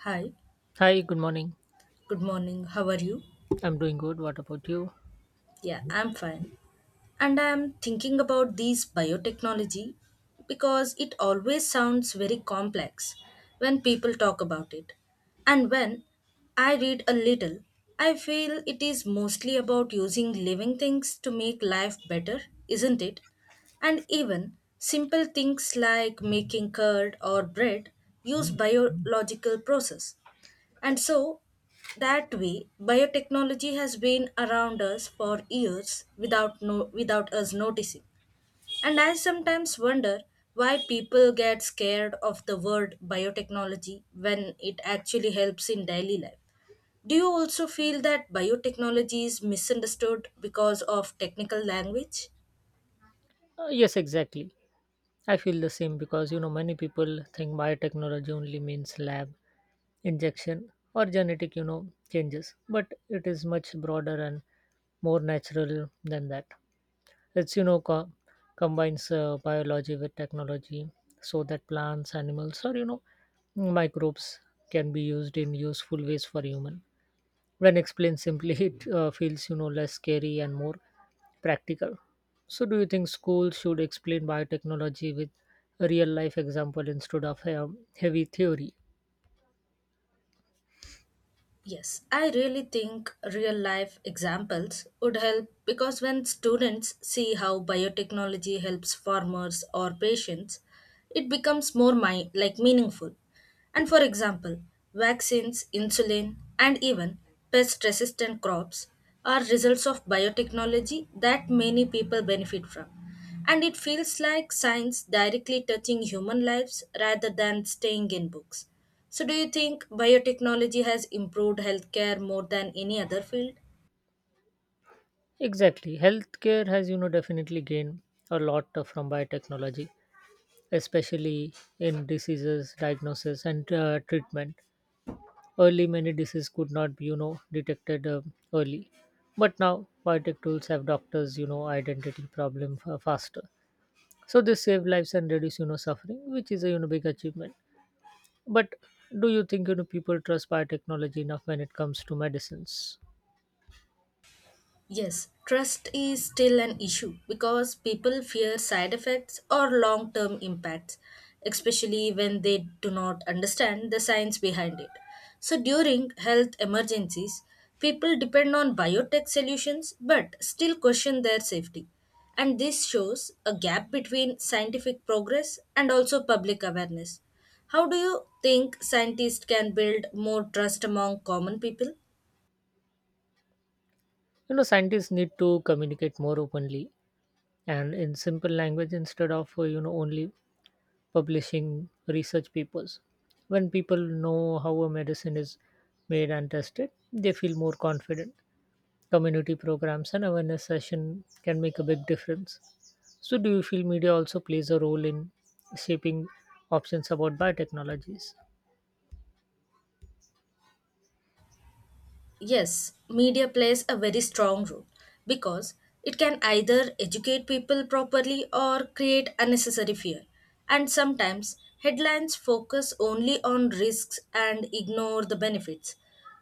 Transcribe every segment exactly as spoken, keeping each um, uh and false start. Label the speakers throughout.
Speaker 1: Hi,
Speaker 2: Hi, good morning.
Speaker 1: good morning. How are you?
Speaker 2: I'm doing good. What about you?
Speaker 1: Yeah, I'm fine. And I'm thinking about these biotechnology because it always sounds very complex when people talk about it. And when I read a little, I feel it is mostly about using living things to make life better, isn't it? And even simple things like making curd or bread use biological process. And so, that way, biotechnology has been around us for years without, no, without us noticing. And I sometimes wonder why people get scared of the word biotechnology when it actually helps in daily life. Do you also feel that biotechnology is misunderstood because of technical language?
Speaker 2: Uh, yes, exactly. I feel the same because you know many people think biotechnology only means lab, injection, or genetic, you know, changes, but it is much broader and more natural than that. It's you know co- combines uh, biology with technology so that plants, animals, or you know microbes can be used in useful ways for human. When explained simply, it uh, feels you know less scary and more practical. So do you think schools should explain biotechnology with a real life example instead of um, heavy theory?
Speaker 1: Yes, I really think real life examples would help because when students see how biotechnology helps farmers or patients, it becomes more mi- like meaningful. And for example, vaccines, insulin, and even pest resistant crops are results of biotechnology that many people benefit from. And it feels like science directly touching human lives rather than staying in books. So, do you think biotechnology has improved healthcare more than any other field?
Speaker 2: Exactly, healthcare has you know definitely gained a lot uh, from biotechnology, especially in diseases diagnosis and uh, treatment. Early, many diseases could not be you know detected uh, early, but now biotech tools have doctors you know identity problem fa- faster, so they save lives and reduce you know suffering, which is a you know big achievement. But do you think you know people trust biotechnology enough when it comes to medicines?
Speaker 1: Yes, trust is still an issue because people fear side effects or long term impacts, especially when they do not understand the science behind it. So, during health emergencies, people depend on biotech solutions but still question their safety. And this shows a gap between scientific progress and also public awareness. How do you think scientists can build more trust among common people?
Speaker 2: You know scientists need to communicate more openly and in simple language instead of uh, you know only publishing research papers. When people know how a medicine is made and tested, they feel more confident. Community programs and awareness session can make a big difference. So, do you feel media also plays a role in shaping options about biotechnologies?
Speaker 1: Yes, media plays a very strong role because it can either educate people properly or create unnecessary fear. And sometimes headlines focus only on risks and ignore the benefits,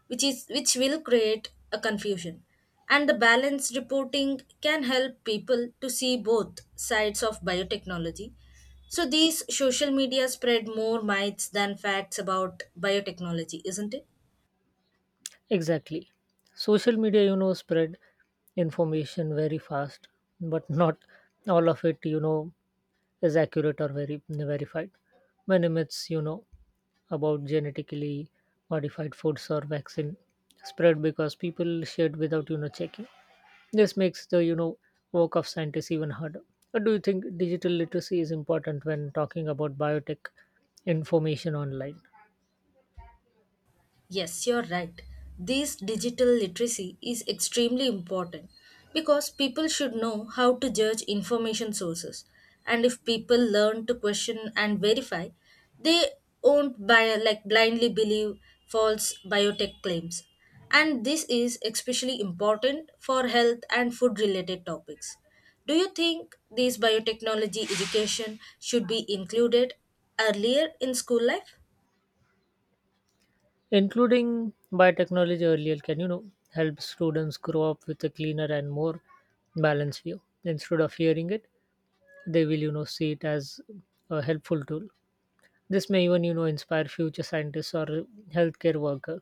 Speaker 1: which is which will create a confusion. And the balanced reporting can help people to see both sides of biotechnology. So these social media spread more myths than facts about biotechnology, isn't it?
Speaker 2: Exactly. Social media, you know, spread information very fast, but not all of it, you know, is accurate or very verified. Many myths, you know, about genetically modified foods or vaccine spread because people shared without, you know, checking. This makes the you know work of scientists even harder. But do you think digital literacy is important when talking about biotech information online,
Speaker 1: Yes, you're right. This digital literacy is extremely important because people should know how to judge information sources. And if people learn to question and verify, they won't buy, like blindly believe false biotech claims. And this is especially important for health and food related topics. Do you think this biotechnology education should be included earlier in school life?
Speaker 2: including biotechnology earlier? Can you know help students grow up with a cleaner and more balanced view instead of hearing it? They will you know see it as a helpful tool. This may even you know inspire future scientists or healthcare workers.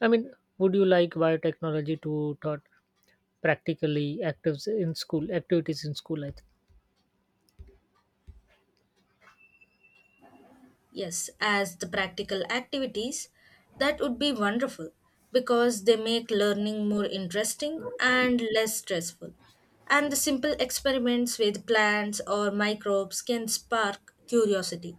Speaker 2: I mean, would you like biotechnology to taught practically actives in school activities in school? I think
Speaker 1: Yes, as the practical activities, that would be wonderful because they make learning more interesting and less stressful. And the simple experiments with plants or microbes can spark curiosity.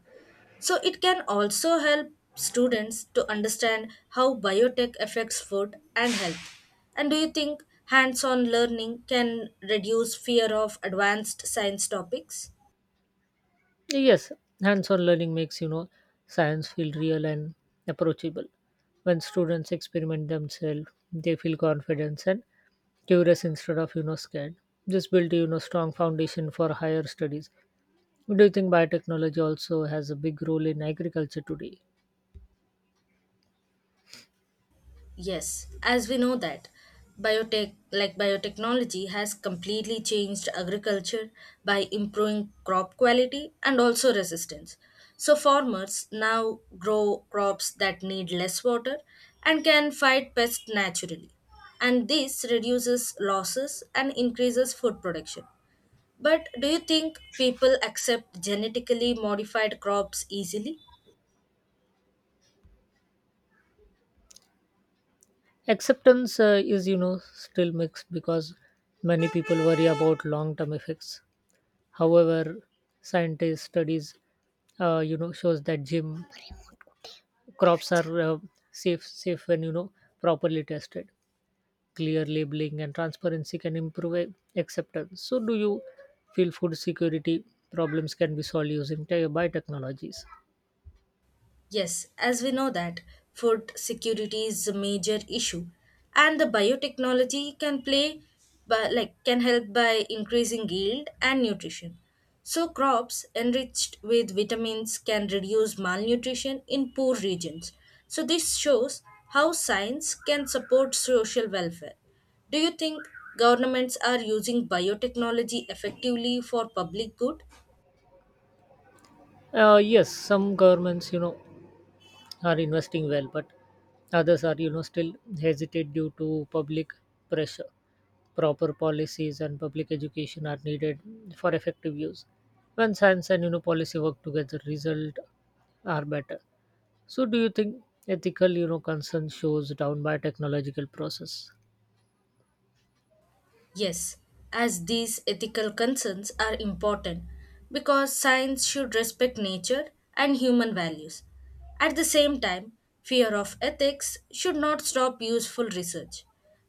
Speaker 1: So, it can also help students to understand how biotech affects food and health. And do you think hands on learning can reduce fear of advanced science topics?
Speaker 2: yes, hands-on learning makes you know science feel real and approachable. When students experiment themselves, they feel confidence and curious instead of you know scared. This built you know strong foundation for higher studies. Do you think biotechnology also has a big role in agriculture today?
Speaker 1: Yes, as we know that biotech like biotechnology has completely changed agriculture by improving crop quality and also resistance. So farmers now grow crops that need less water and can fight pests naturally. And this reduces losses and increases food production. But do you think people accept genetically modified crops easily?
Speaker 2: Acceptance uh, is you know still mixed because many people worry about long term effects. However, scientist studies uh, you know shows that gym crops are uh, safe safe when you know properly tested. Clear labeling and transparency can improve a- acceptance. So do you feel food security problems can be solved using te- biotechnologies?
Speaker 1: Yes, as we know that food security is a major issue and the biotechnology can play but like can help by increasing yield and nutrition. So crops enriched with vitamins can reduce malnutrition in poor regions. So this shows how science can support social welfare. Do you think governments are using biotechnology effectively for public good?
Speaker 2: Uh, yes, some governments you know are investing well, but others are you know still hesitate due to public pressure. Proper policies and public education are needed for effective use. When science and you know policy work together, result are better. So do you think ethical you know concern shows down by technological process?
Speaker 1: Yes, as these ethical concerns are important because science should respect nature and human values. At the same time, fear of ethics should not stop useful research,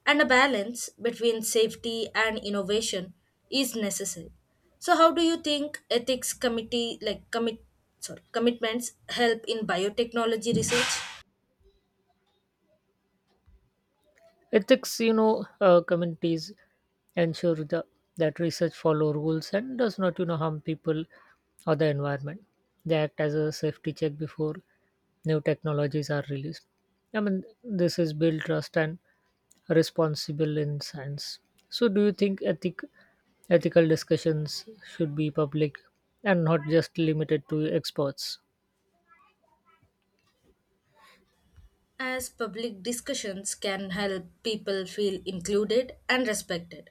Speaker 1: and a balance between safety and innovation is necessary. So how do you think ethics committee like commit sorry, commitments help in biotechnology research?
Speaker 2: Ethics, you know, uh, committees ensure the, that research follow rules and does not, you know, harm people or the environment. They act as a safety check before new technologies are released. I mean, this is build trust and responsible in science. So, do you think ethic, ethical discussions should be public and not just limited to experts?
Speaker 1: As public discussions can help people feel included and respected.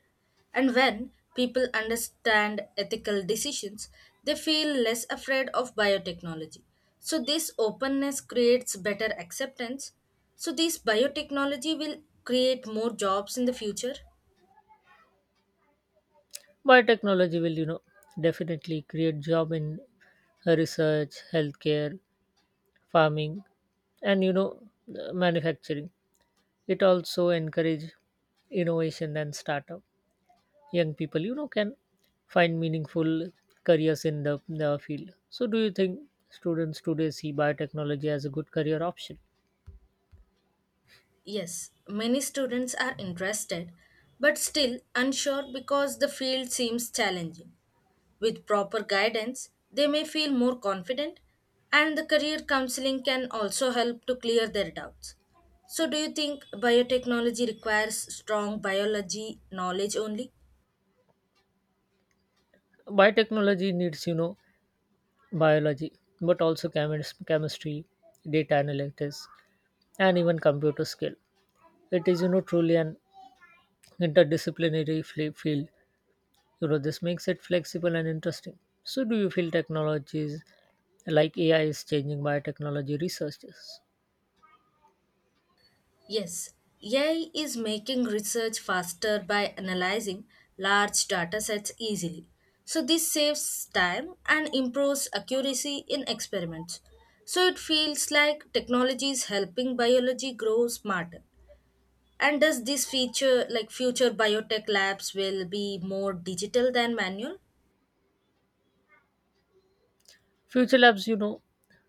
Speaker 1: And when people understand ethical decisions, they feel less afraid of biotechnology. So, this openness creates better acceptance. So, this biotechnology will create more jobs in the future.
Speaker 2: Biotechnology will, you know, definitely create job in research, healthcare, farming, and you know uh, manufacturing. It also encourage innovation and startup. Young people you know can find meaningful careers in the, the field. So do you think students today see biotechnology as a good career option?
Speaker 1: Yes, many students are interested, but still unsure because the field seems challenging. With proper guidance, they may feel more confident, and the career counseling can also help to clear their doubts. So, do you think biotechnology requires strong biology knowledge only?
Speaker 2: Biotechnology needs you know biology, but also chemis- chemistry, data analytics, and even computer skill. It is you know truly an interdisciplinary fli- field. You know this makes it flexible and interesting. So do you feel technologies like A I is changing biotechnology researchers?
Speaker 1: Yes, A I is making research faster by analyzing large data sets easily. So, this saves time and improves accuracy in experiments. So, it feels like technology is helping biology grow smarter. And does this feature, like future biotech labs, will be more digital than manual?
Speaker 2: Future labs you know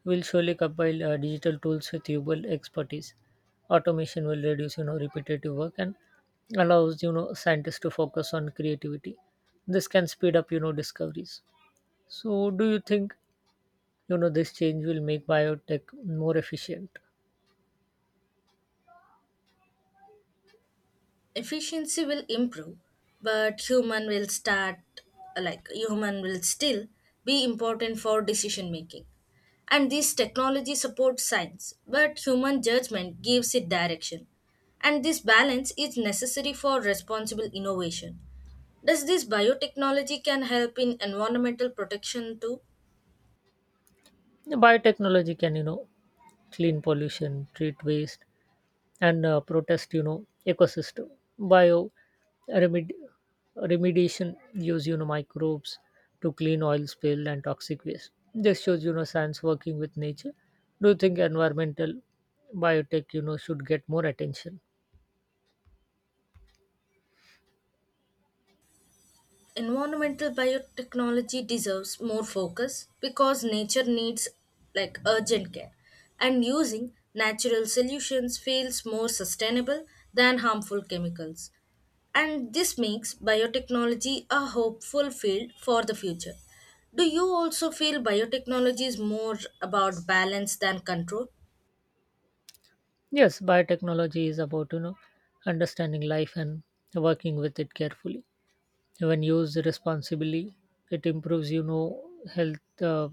Speaker 2: will surely compile uh, digital tools with human expertise. Automation will reduce you know repetitive work and allows you know scientists to focus on creativity. This can speed up you know discoveries. So do you think you know this change will make biotech more efficient?
Speaker 1: Efficiency will improve, but human will start, like human will still be important for decision making. And this technology supports science, but human judgment gives it direction. And this balance is necessary for responsible innovation. Does this biotechnology can help in environmental protection too?
Speaker 2: Biotechnology can you know clean pollution, treat waste, and uh, protest you know ecosystem. Bio remed- remediation use you know microbes to clean oil spill and toxic waste. This shows you know science working with nature. Do you think environmental biotech you know should get more attention?
Speaker 1: Environmental biotechnology deserves more focus because nature needs like urgent care and using natural solutions feels more sustainable than harmful chemicals, and this makes biotechnology a hopeful field for the future. Do you also feel biotechnology is more about balance than control?
Speaker 2: Yes, biotechnology is about you know understanding life and working with it carefully. When used responsibly, it improves you know health, uh,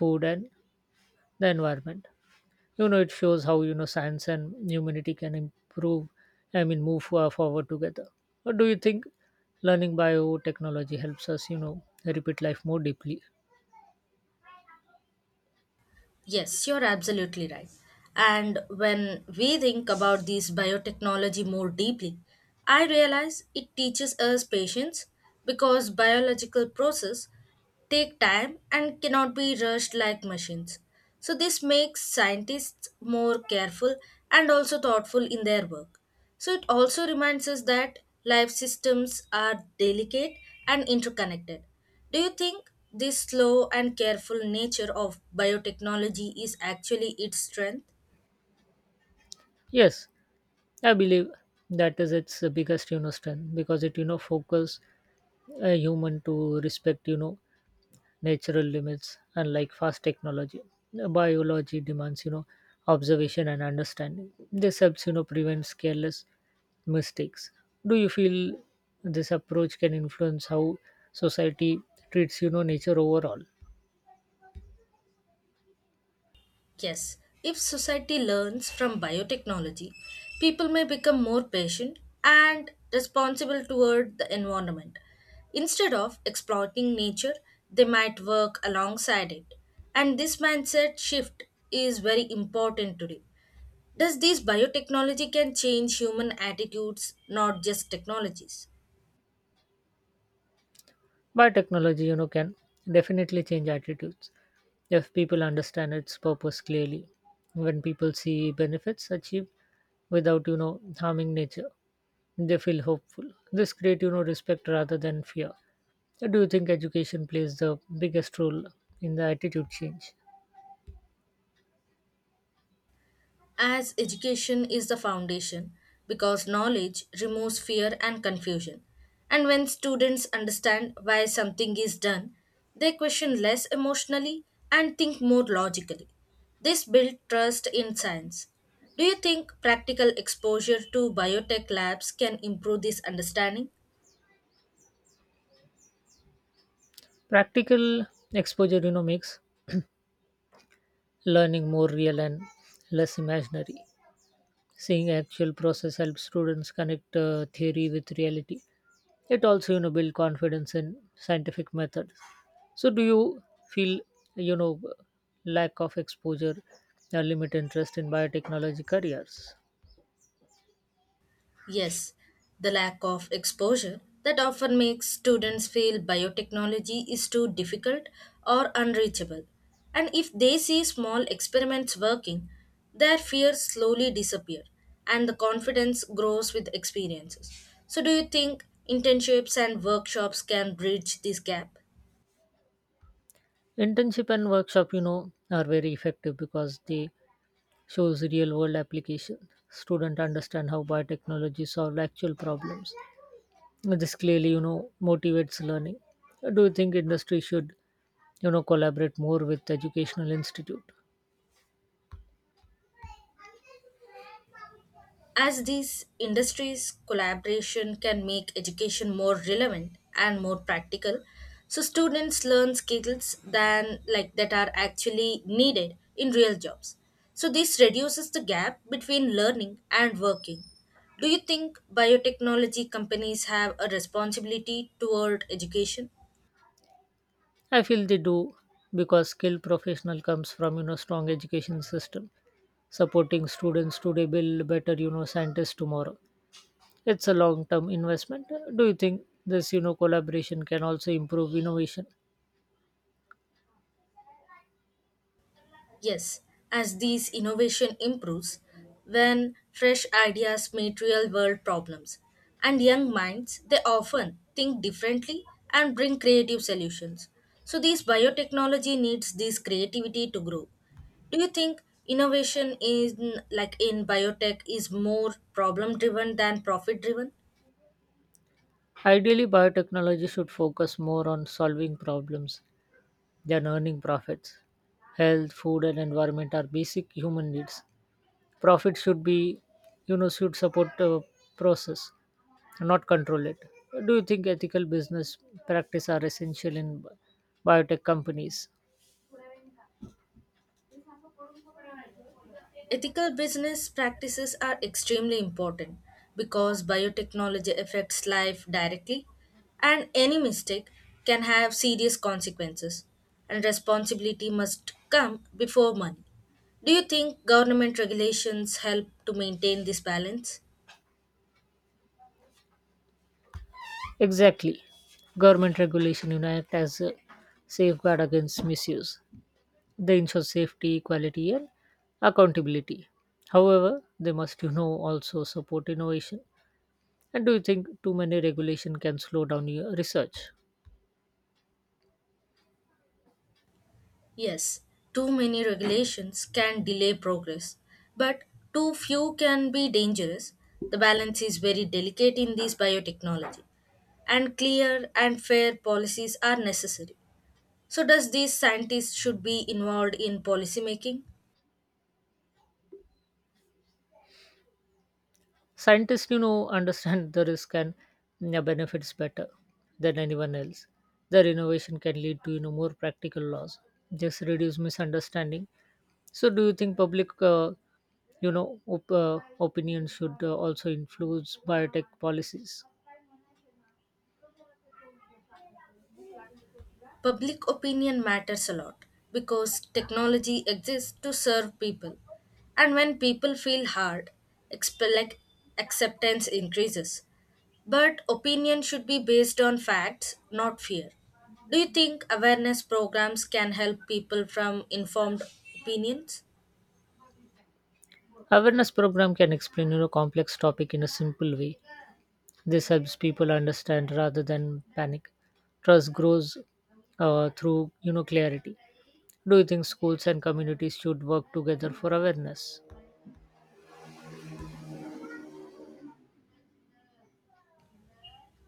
Speaker 2: food, and the environment. You know it shows how you know science and humanity can improve. I mean, move for- forward together. Or do you think learning biotechnology helps us you know repeat life more deeply?
Speaker 1: Yes, you're absolutely right. And when we think about these biotechnology more deeply, I realize it teaches us patience because biological process take time and cannot be rushed like machines. So this makes scientists more careful and also thoughtful in their work. So it also reminds us that life systems are delicate and interconnected. Do you think this slow and careful nature of biotechnology is actually its strength?
Speaker 2: Yes, I believe that is its biggest you know strength because it you know focus a human to respect you know natural limits unlike fast technology. Biology demands you know observation and understanding. This helps you know prevent careless mistakes. Do you feel this approach can influence how society treats you know nature overall?
Speaker 1: Yes. If society learns from biotechnology, people may become more patient and responsible toward the environment. Instead of exploiting nature, they might work alongside it. And this mindset shift is very important today. Does this biotechnology can change human attitudes, not just technologies?
Speaker 2: Biotechnology you know can definitely change attitudes if people understand its purpose clearly. When people see benefits achieved without you know harming nature, they feel hopeful. This creates you know respect rather than fear. So do you think education plays the biggest role in the attitude change?
Speaker 1: As education is the foundation because knowledge removes fear and confusion. And when students understand why something is done, they question less emotionally and think more logically. This builds trust in science. Do you think practical exposure to biotech labs can improve this understanding?
Speaker 2: Practical exposure, you know, makes learning more real and less imaginary. Seeing actual process helps students connect uh, theory with reality. It also, you know, build confidence in scientific methods. So do you feel, you know, lack of exposure or limit interest in biotechnology careers?
Speaker 1: Yes, the lack of exposure that often makes students feel biotechnology is too difficult or unreachable. And if they see small experiments working, their fears slowly disappear and the confidence grows with experiences. So, do you think internships and workshops can bridge this gap?
Speaker 2: Internship and workshop, you know, are very effective because they shows real world application. Students understand how biotechnology solve actual problems. This clearly you know motivates learning. Do you think industry should you know collaborate more with educational institute?
Speaker 1: As these industries, collaboration can make education more relevant and more practical. So students learn skills than like that are actually needed in real jobs. So this reduces the gap between learning and working. Do you think biotechnology companies have a responsibility toward education?
Speaker 2: I feel they do because skilled professional comes from you know strong education system. Supporting students today build better you know scientists tomorrow. It's a long term investment. Do you think this you know collaboration can also improve innovation?
Speaker 1: Yes, as these innovation improves, when fresh ideas meet real world problems, and young minds, they often think differently and bring creative solutions. So these biotechnology needs this creativity to grow. Do you think innovation in like in biotech is more problem driven than profit driven?
Speaker 2: Ideally, biotechnology should focus more on solving problems than earning profits. Health, food, and environment are basic human needs. Profit should be, you know, should support the process, not control it. Do you think ethical business practice are essential in bi- biotech companies?
Speaker 1: Ethical business practices are extremely important because biotechnology affects life directly, and any mistake can have serious consequences, and responsibility must come before money. Do you think government regulations help to maintain this balance?
Speaker 2: Exactly. Government regulation unite as a safeguard against misuse. They ensure safety, quality, and accountability. However, they must, you know, also support innovation. And do you think too many regulation can slow down your research?
Speaker 1: Yes, too many regulations can delay progress, but too few can be dangerous. The balance is very delicate in this biotechnology, and clear and fair policies are necessary. So, does these scientists should be involved in policy making?
Speaker 2: Scientists, you know, understand the risk and, yeah, benefits better than anyone else. Their innovation can lead to, you know, more practical laws, just reduce misunderstanding. So, do you think public, uh, you know, op- uh, opinion should uh, also influence biotech policies?
Speaker 1: Public opinion matters a lot because technology exists to serve people. And when people feel hard, expe- like acceptance increases. But opinion should be based on facts, not fear. Do you think awareness programs can help people from informed opinions?
Speaker 2: Awareness program can explain you know complex topic in a simple way. This helps people understand rather than panic. Trust grows uh, through you know clarity. Do you think schools and communities should work together for awareness?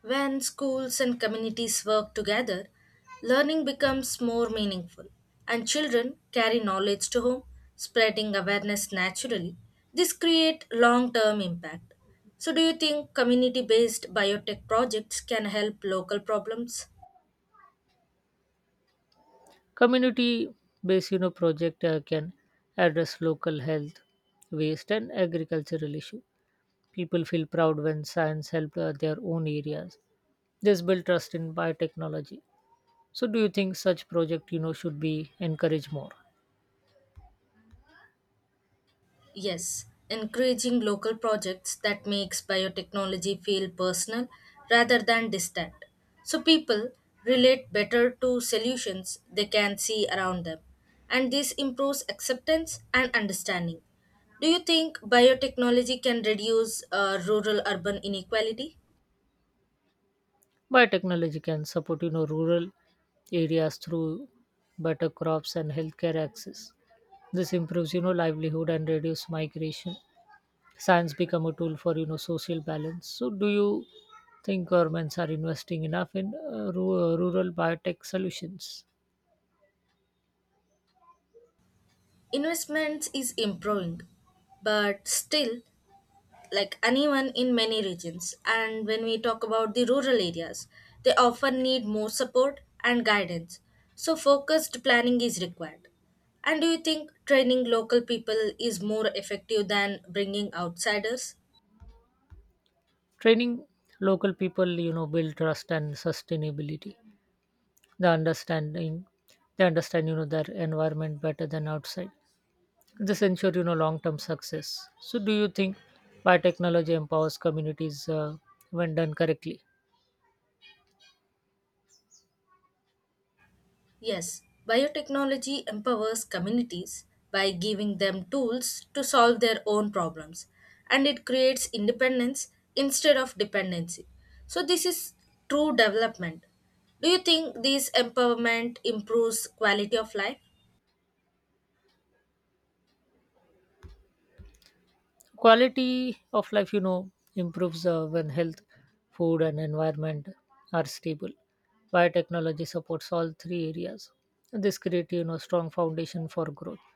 Speaker 1: When schools and communities work together, learning becomes more meaningful, and children carry knowledge to home, spreading awareness naturally. This creates long term impact. So, do you think community based biotech projects can help local problems?
Speaker 2: Community based you know project uh, can address local health, waste, and agricultural issue. People feel proud when science help uh, their own areas. This build trust in biotechnology. So, do you think such project you know should be encouraged more?
Speaker 1: Yes, encouraging local projects that makes biotechnology feel personal rather than distant. So people relate better to solutions they can see around them. And this improves acceptance and understanding. Do you think biotechnology can reduce uh, rural urban inequality?
Speaker 2: Biotechnology technology can support you know rural areas through better crops and healthcare access. This improves you know livelihood and reduce migration. Science become a tool for you know social balance. So do you think governments are investing enough in uh, ru- uh, rural biotech solutions?
Speaker 1: Investments is improving, but still like anyone in many regions. And when we talk about the rural areas, they often need more support and guidance. So, focused planning is required. And do you think training local people is more effective than bringing outsiders?
Speaker 2: Training local people you know build trust and sustainability. The understanding they understand you know their environment better than outside. This ensure you know long term success. So do you think biotechnology empowers communities uh, when done correctly?
Speaker 1: Yes, biotechnology empowers communities by giving them tools to solve their own problems and it creates independence instead of dependency. So, this is true development. Do you think this empowerment improves quality of life?
Speaker 2: Quality of life you know improves uh, when health, food, and environment are stable. Biotechnology supports all three areas. This creates you know strong foundation for growth.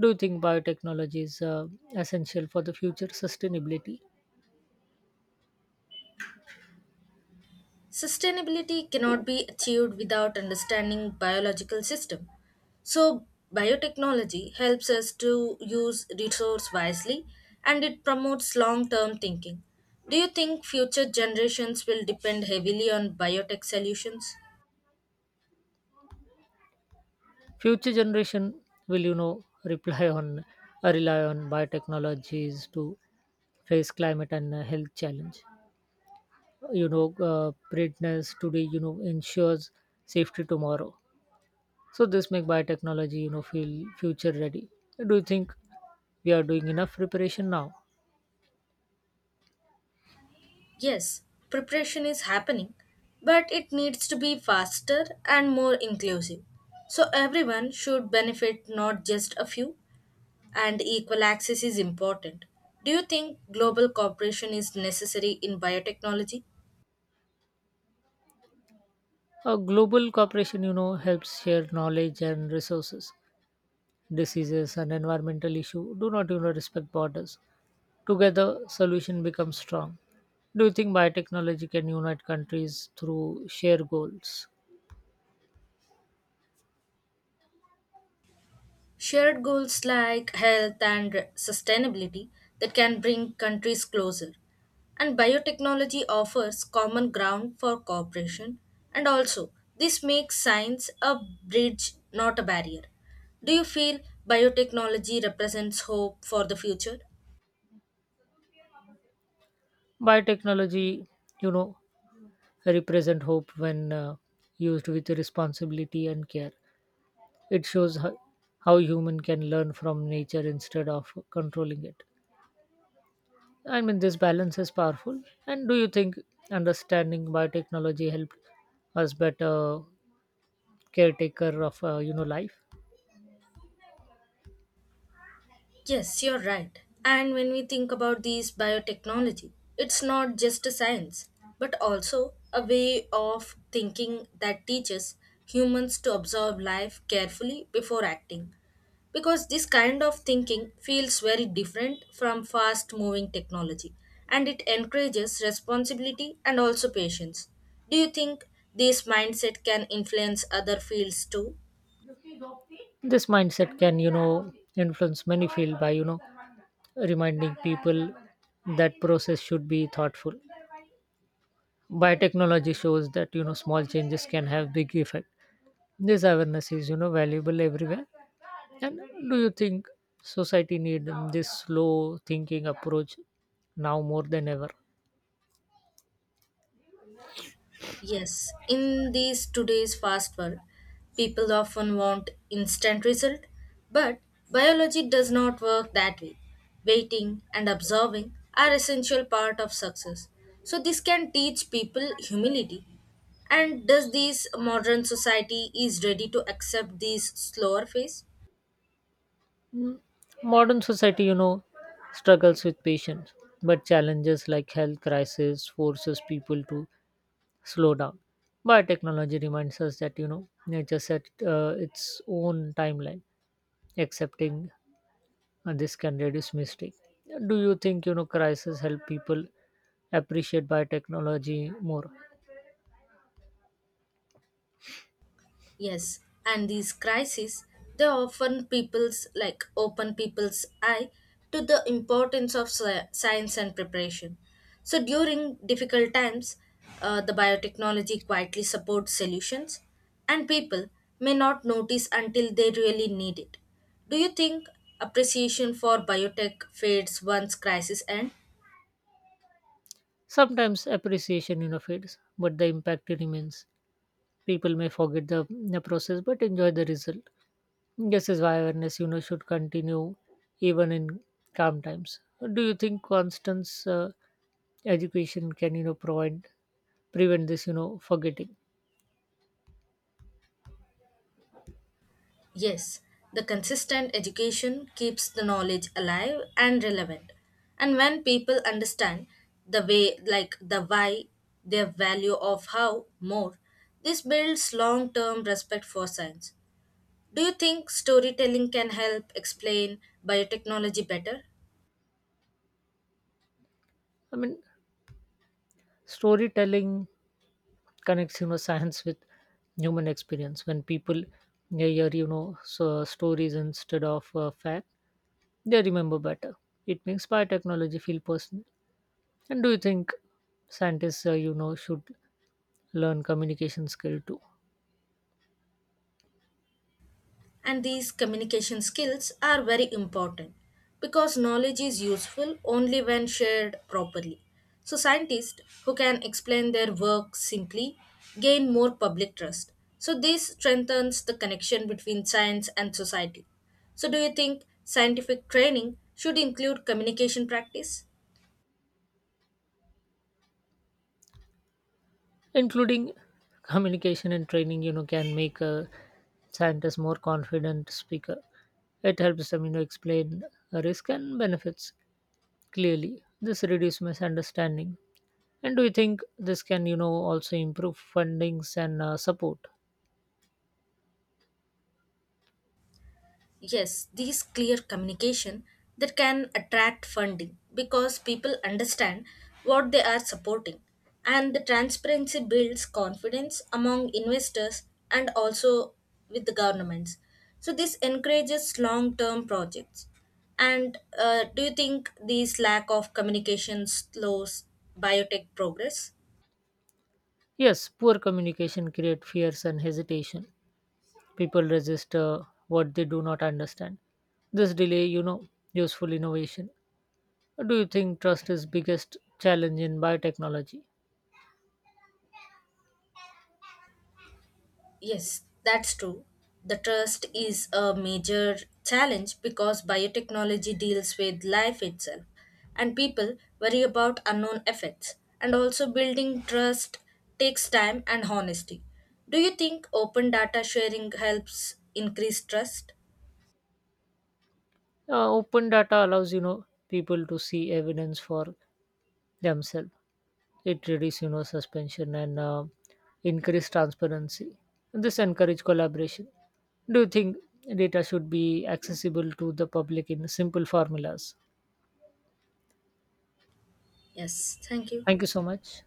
Speaker 2: Do you think biotechnology is uh, essential for the future sustainability?
Speaker 1: Sustainability cannot be achieved without understanding biological system. So biotechnology helps us to use resource wisely and it promotes long-term thinking. Do you think future generations will depend heavily on biotech solutions?
Speaker 2: Future generation will, you know, reply on uh, rely on biotechnologies to face climate and uh, health challenge. You know, uh, preparedness today, you know, ensures safety tomorrow. So this make biotechnology, you know, feel future ready. Do you think we are doing enough preparation now?
Speaker 1: Yes, preparation is happening, but it needs to be faster and more inclusive. So everyone should benefit, not just a few. And equal access is important. Do you think global cooperation is necessary in biotechnology?
Speaker 2: A global cooperation, you know, helps share knowledge and resources. Diseases and environmental issue do not, you know, respect borders. Together, solution becomes strong. Do you think biotechnology can unite countries through shared goals?
Speaker 1: Shared goals like health and sustainability that can bring countries closer. And biotechnology offers common ground for cooperation. And also, this makes science a bridge, not a barrier. Do you feel biotechnology represents hope for the future?
Speaker 2: Biotechnology, you know, represent hope when uh, used with responsibility and care. It shows how, how human can learn from nature instead of controlling it. I mean, this balance is powerful. And do you think understanding biotechnology helped us better caretaker of uh, you know life?
Speaker 1: Yes, you're right. And when we think about these biotechnology, it's not just a science, but also a way of thinking that teaches humans to observe life carefully before acting. Because this kind of thinking feels very different from fast moving technology and it encourages responsibility and also patience. Do you think this mindset can influence other fields too?
Speaker 2: This mindset can, you know, influence many fields by, you know, reminding people that process should be thoughtful. Biotechnology shows that, you know, small changes can have big effect. This awareness is, you know, valuable everywhere. And do you think society need um, this slow thinking approach now more than ever?
Speaker 1: Yes, in these today's fast world, people often want instant result, but biology does not work that way. Waiting and observing are essential part of success. So this can teach people humility. And does this modern society is ready to accept this slower phase?
Speaker 2: Mm, Modern society, you know, struggles with patience, but challenges like health crisis forces people to slow down. But technology reminds us that you know nature set uh, its own timeline. Accepting uh, this can reduce mistake. Do you think you know crisis help people appreciate by technology more?
Speaker 1: Yes, and these crises, they often people's like open people's eye to the importance of sci- science and preparation. So during difficult times, uh, the biotechnology quietly supports solutions, and people may not notice until they really need it. Do you think appreciation for biotech fades once crises end?
Speaker 2: Sometimes appreciation you know fades but the impact remains. People may forget the, the process but enjoy the result. This is why awareness, you know, should continue even in calm times. Do you think Constance uh, education can, you know, provide prevent this, you know, forgetting?
Speaker 1: Yes, the consistent education keeps the knowledge alive and relevant. And when people understand the way, like the why, their value of how more, this builds long term respect for science. Do you think storytelling can help explain biotechnology better?
Speaker 2: I mean, storytelling connects, you know, science with human experience. When people they hear, you know, so stories instead of uh, fact, they remember better. It makes biotechnology feel personal. And do you think scientists, uh, you know, should learn communication skill too?
Speaker 1: And these communication skills are very important because knowledge is useful only when shared properly. So, scientists who can explain their work simply gain more public trust. So, this strengthens the connection between science and society. So, do you think scientific training should include communication practice?
Speaker 2: Including communication and training you know can make a scientist more confident speaker. It helps them you know explain risk and benefits clearly. This reduces misunderstanding. And do you think this can you know also improve fundings and uh, support?
Speaker 1: Yes, these clear communication that can attract funding because people understand what they are supporting and the transparency builds confidence among investors and also with the governments. So this encourages long-term projects. And uh, do you think these lack of communication slows biotech progress?
Speaker 2: Yes, poor communication create fears and hesitation. People resist uh, what they do not understand. This delay you know useful innovation. Do you think trust is biggest challenge in biotechnology?
Speaker 1: Yes, that's true. The trust is a major challenge because biotechnology deals with life itself, and people worry about unknown effects. And also, building trust takes time and honesty. Do you think open data sharing helps increase trust?
Speaker 2: Uh, open data allows you know people to see evidence for themselves. It reduces you know suspension and uh, increase transparency. This encourage collaboration. Do you think data should be accessible to the public in simple formulas?
Speaker 1: Yes, thank you.
Speaker 2: Thank you so much.